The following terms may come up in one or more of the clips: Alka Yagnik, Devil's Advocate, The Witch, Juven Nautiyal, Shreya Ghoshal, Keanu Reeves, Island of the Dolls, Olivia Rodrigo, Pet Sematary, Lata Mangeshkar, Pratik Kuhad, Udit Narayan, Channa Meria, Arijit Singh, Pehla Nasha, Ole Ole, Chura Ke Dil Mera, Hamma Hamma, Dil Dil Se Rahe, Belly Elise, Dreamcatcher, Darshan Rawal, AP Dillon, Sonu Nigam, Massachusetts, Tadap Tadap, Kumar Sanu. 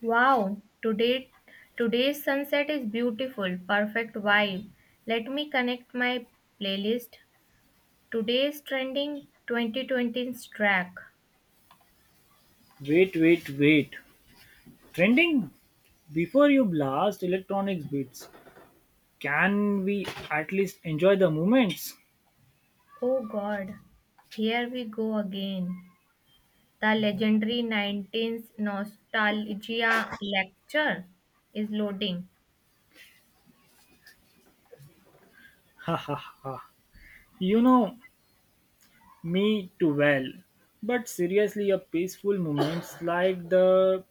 Wow, today's sunset is beautiful. Perfect vibe. Let me connect my playlist. Today's trending 2020's track. Wait. Trending? Before you blast electronics beats, can we at least enjoy the moments? Oh god. Here we go again. The legendary 19s nostalgia lecture is loading. Haha. you know Me too well. But seriously, a peaceful moments like the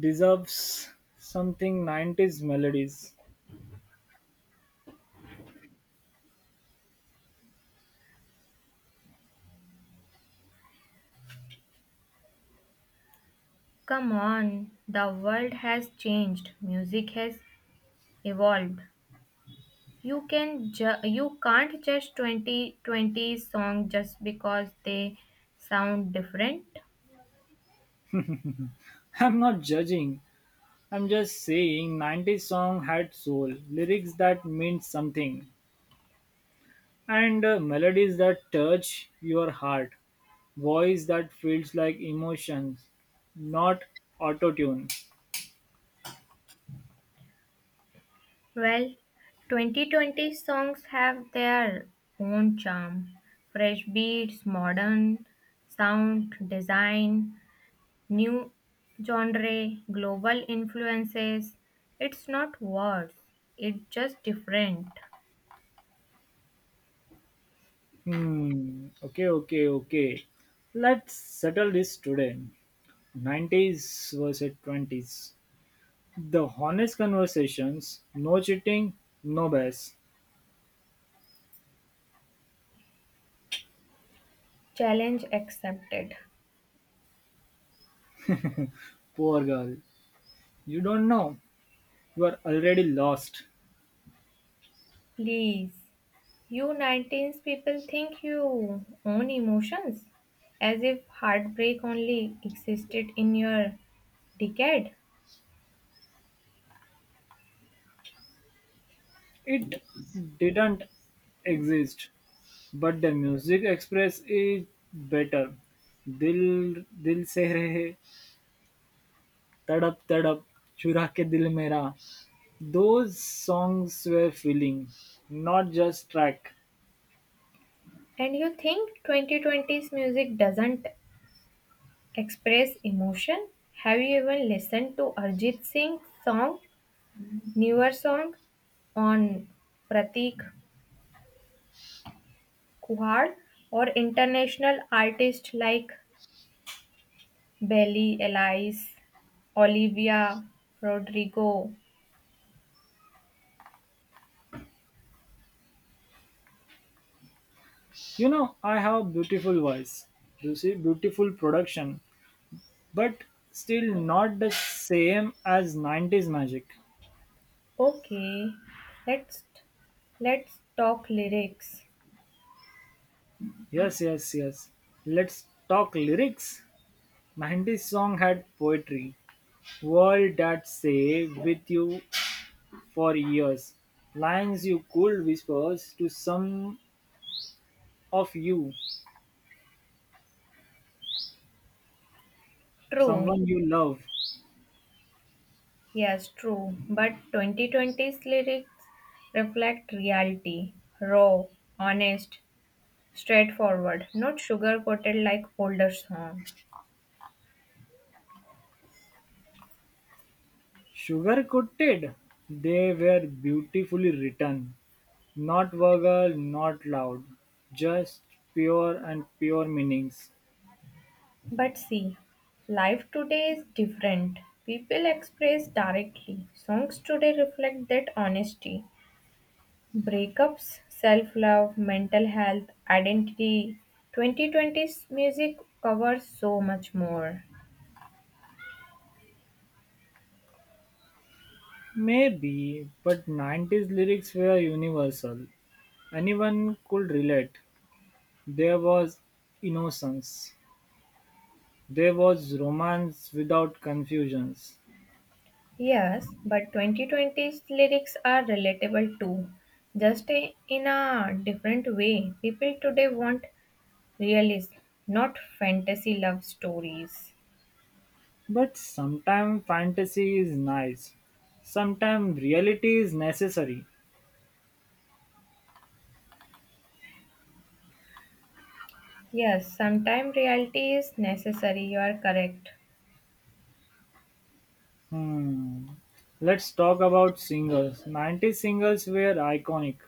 deserves something 90s melodies. Come on, the world has changed. Music has evolved. You can't judge 2020 20 song just because they sound different. I'm not judging. I'm just saying 90s song had soul, lyrics that meant something. And melodies that touch your heart, voice that feels like emotions, not auto tune. Well, 2020 songs have their own charm. Fresh beats, modern sound design, new genre, global influences. It's not worse, it's just different. Hmm. Okay. Let's settle this today. 90s versus 20s. The honest conversations. No cheating. No BS. Challenge accepted. Poor girl. You don't know. You are already lost. Please. You 19s people think you own emotions, as if heartbreak only existed in your decade. It didn't exist, but the music express is better. Dil Dil Se Rahe, Tadap Tadap, Chura Ke Dil Mera. Those songs were feeling, not just track. And you think 2020s music doesn't express emotion? Have you even listened to Arjit Singh's song, newer song on Pratik Kuhar, or international artists like Belly Elise, Olivia Rodrigo? I have beautiful voice, you see, beautiful production, but still not the same as 90s magic. Okay, let's let's talk lyrics. Yes, yes, yes. Let's talk lyrics. 90s song had poetry. Words that say with you for years. Lines you could whisper to some of you, True, someone you love. yes, true. But 2020's lyrics reflect reality, raw, honest, straightforward, not sugar-coated like older song. Sugar-coated, they were beautifully written. Not vulgar, not loud. Just pure and pure meanings. But see, life today is different. People express directly. Songs today reflect that honesty. Breakups, self love, mental health, identity. 2020's music covers so much more. Maybe, but 90s lyrics were universal. Anyone could relate. There was innocence. There was romance without confusions. Yes, but 2020's lyrics are relatable too, just in a different way. People today want realism, not fantasy love stories. But sometimes fantasy is nice, sometimes reality is necessary. Yes, sometimes reality is necessary, you are correct. Hmm. Let's talk about singers. 90s singers were iconic.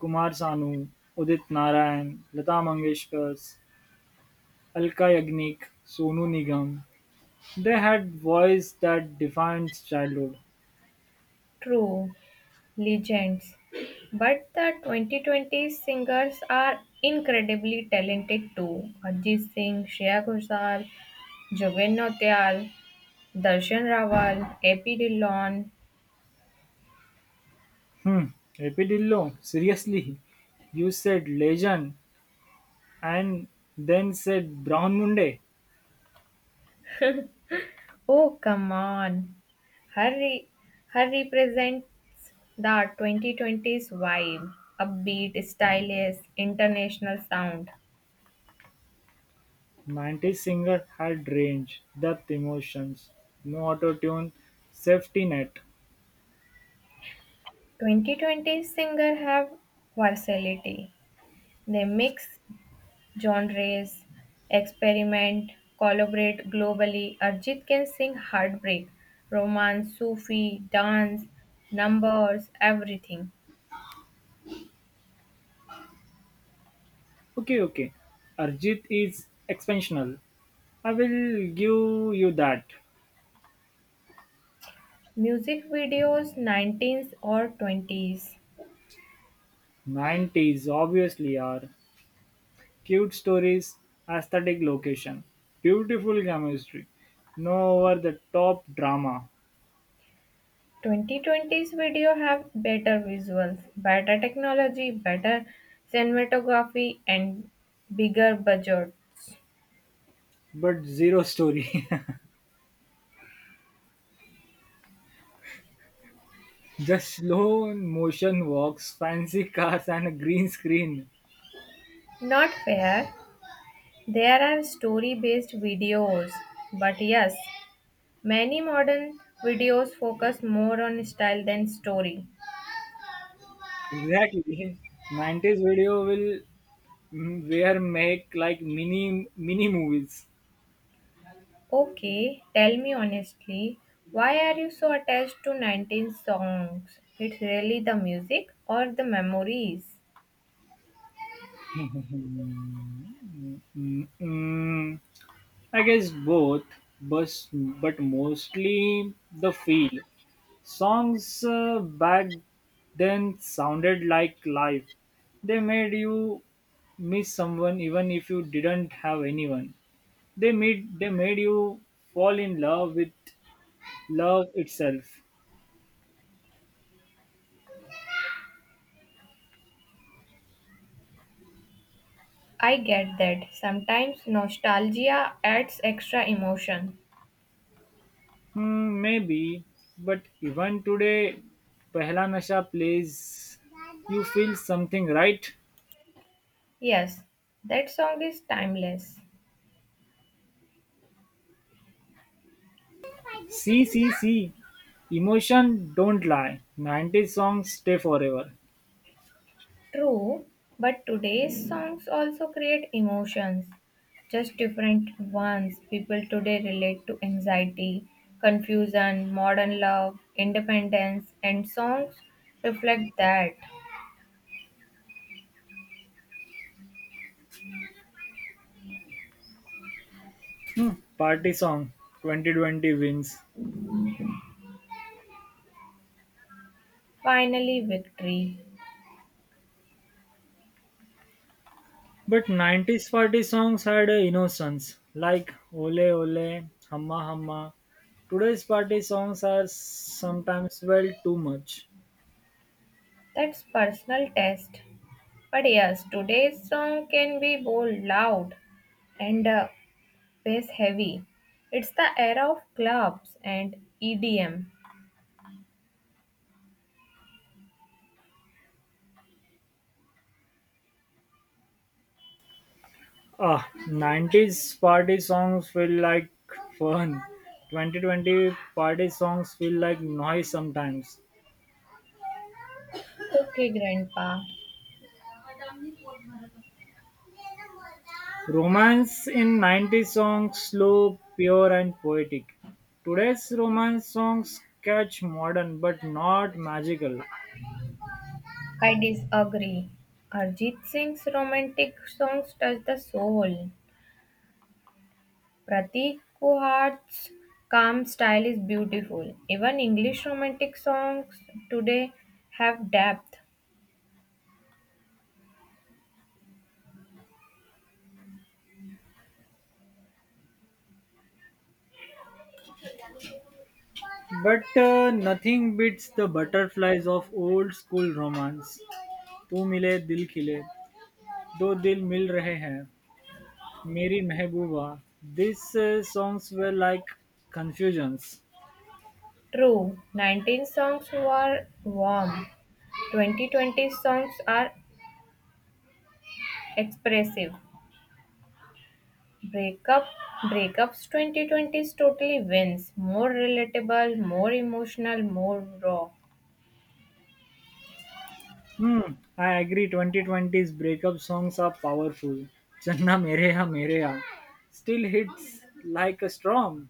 Kumar Sanu, Udit Narayan, Lata Mangeshkar, Alka Yagnik, Sonu Nigam. They had voice that defined childhood. True. Legends. But the 2020 singers are incredibly talented too. Ajit Singh, Shreya Ghoshal, Juven Nautiyal, Darshan Rawal, AP Dillon. Hmm. AP Dillo, seriously, you said legend and then said Brown Munde. Oh, come on. Her, re- her represents the 2020s vibe. Upbeat, stylish, international sound. Nineties Singer had range, depth, emotions, no auto-tune, safety net. 2020 singer have versatility. They mix genres, experiment, collaborate globally. Arjit can sing heartbreak, romance, Sufi, dance, numbers, everything. Okay, okay. Arjit is expansional. I will give you that. Music videos 19s or 20s. 90s obviously are cute stories, aesthetic location, beautiful chemistry, no over the top drama, 2020s video have better visuals, better technology, better cinematography, and bigger budgets. but zero story. Just slow motion walks, fancy cars, and a green screen. Not fair. There are story based videos, but yes, many modern videos focus more on style than story. Exactly. 90s video will where make like mini movies. Okay, tell me honestly, why are you so attached to 19 songs? It's really the music or the memories? Mm, I guess both, but mostly the feel. Songs back then sounded like life. They made you miss someone even if you didn't have anyone. They made you fall in love with love itself. I get that. Sometimes nostalgia adds extra emotion. Hmm, maybe, but even today, Pehla Nasha plays. You feel something, right? Yes, that song is timeless. See, see, see. Emotion don't lie. 90s songs stay forever. True, but today's songs also create emotions, just different ones. People today relate to anxiety, confusion, modern love, independence, and songs reflect that. Hmm, Party song 2020 wins. Finally, victory. But 90s party songs had a innocence like Ole Ole, Hamma Hamma. Today's party songs are sometimes well too much. That's personal test. But yes, today's song can be bold, loud, and bass heavy. It's the era of clubs and EDM. Ah, 90s party songs feel like fun. 2020 party songs feel like noise sometimes. Okay, Grandpa. Romance in 90s songs slow, pure and poetic. Today's romance songs catch modern but not magical. I disagree. Arjit Singh's romantic songs touch the soul. Pratik Kuhad's calm style is beautiful. Even English romantic songs today have depth. But nothing beats the butterflies of old school romance. तू मिले दिल खिले दो दिल मिल रहे हैं मेरी महबूबा दिस सॉन्ग्स वे like confusions. True, 19 songs were warm. 2020 songs are expressive. Breakup Breakups 2020 totally wins. More relatable, more emotional, more raw. hmm I agree 2020's breakup songs are powerful. चन्ना मेरे या still hits like a storm.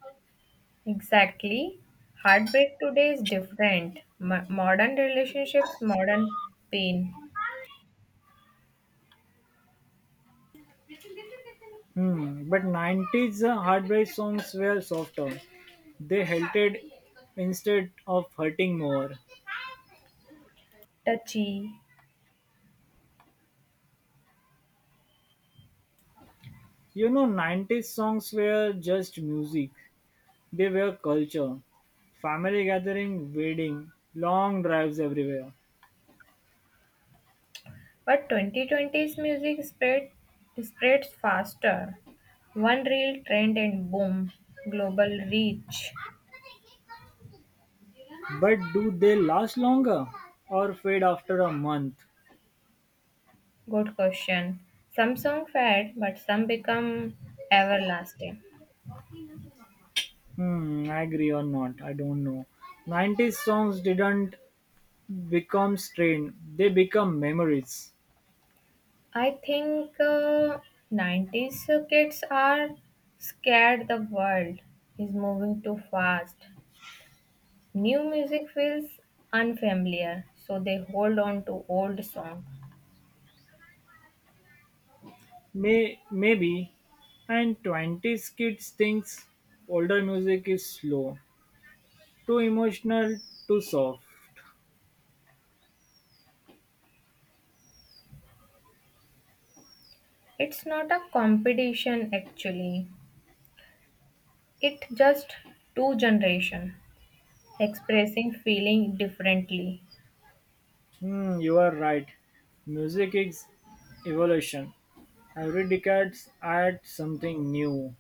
Exactly. Heartbreak today is different. Modern relationships, modern pain, Hmm, but 90s heartbreak songs were softer. They halted instead of hurting more. touchy. You know, 90s songs were just music, they were culture. Family gathering, wedding, long drives everywhere. But 2020's music spreads faster. One real trend and boom, global reach. But do they last longer or fade after a month? Good question. Some song fad, but some become everlasting. Hmm, I agree or not, I don't know. 90s songs didn't become strain, they become memories. I think 90s kids are scared the world is moving too fast. New music feels unfamiliar, so they hold on to old song. Maybe, and twenties kids thinks older music is slow, too emotional, too soft. It's not a competition actually. It just two generation expressing feeling differently. Hmm, you are right. Music is evolution. Every decade adds something new.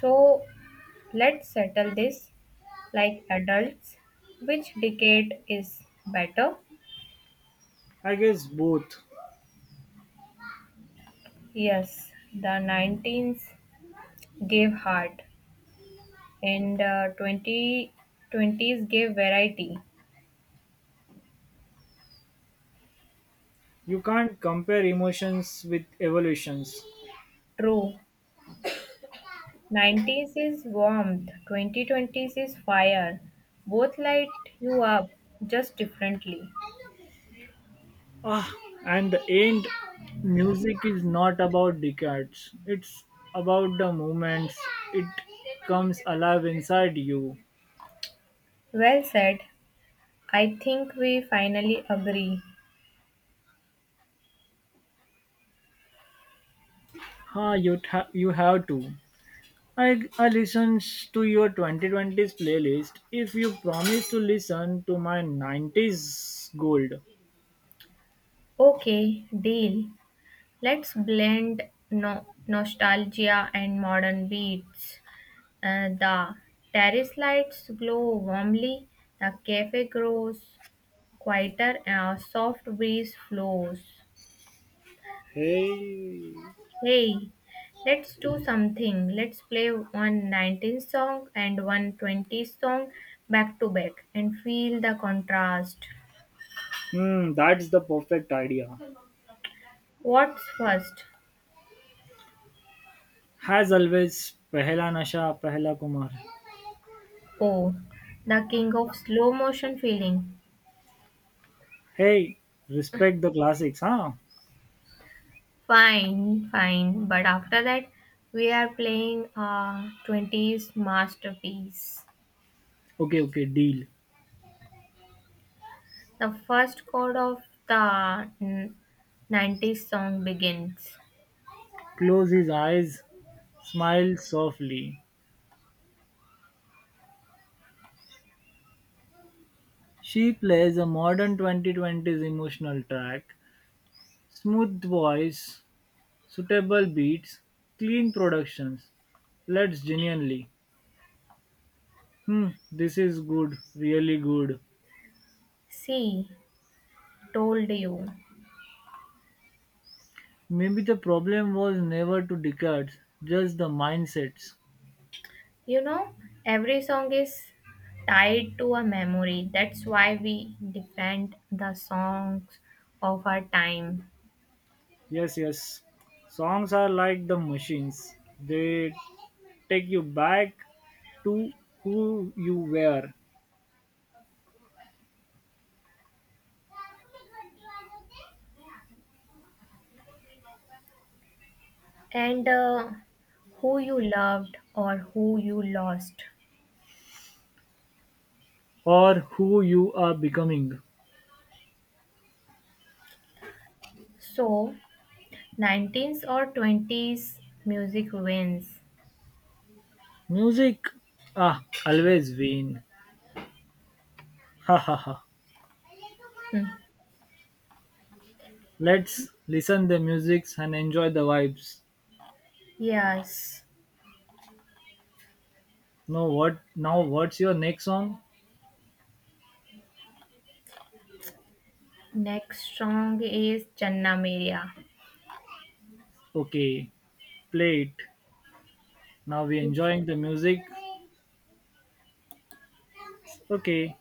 So let's settle this like adults. Which decade is better? I guess both. Yes, the 19s gave heart and 2020s gave variety. You can't compare emotions with evolutions. True, 90s is warmth, 2020s is fire. Both light you up, just differently. Ah, and the end, music is not about decades. It's about the moments it comes alive inside you. Well said. I think we finally agree. Ha, you have to. I listen to your 2020s playlist if you promise to listen to my 90s gold. Okay, deal. Let's blend nostalgia and modern beats. The terrace lights glow warmly, the cafe grows quieter, and a soft breeze flows. Hey, Hey, let's do something. Let's play one nineties song and one twenties song back to back and feel the contrast. hmm, that's the perfect idea. What's first? Has always, Pehla Nasha, Pehla Kumar. Oh, the king of slow motion feeling. Hey, respect the classics, huh? Fine, fine, but after that, we are playing a 20s masterpiece. Okay, okay, deal. The first chord of the 90s song begins. Close his eyes, smile softly. She plays a modern 2020s emotional track. Smooth voice, suitable beats, clean productions. Let's genuinely. Hmm, this is good, really good. See, told you. Maybe the problem was never two decades, just the mindsets. You know, every song is tied to a memory. That's why we defend the songs of our time Yes, yes. Songs are like the machines. They take you back to who you were and who you loved or who you lost. or who you are becoming. So, 19th or 20s music wins. Music, ah, always win. Ha ha ha. Hmm. Let's listen the musics and enjoy the vibes. Yes. Now what? Now what's your next song? Next song is Channa Meria. Okay, play it. Now we enjoying the music. Okay.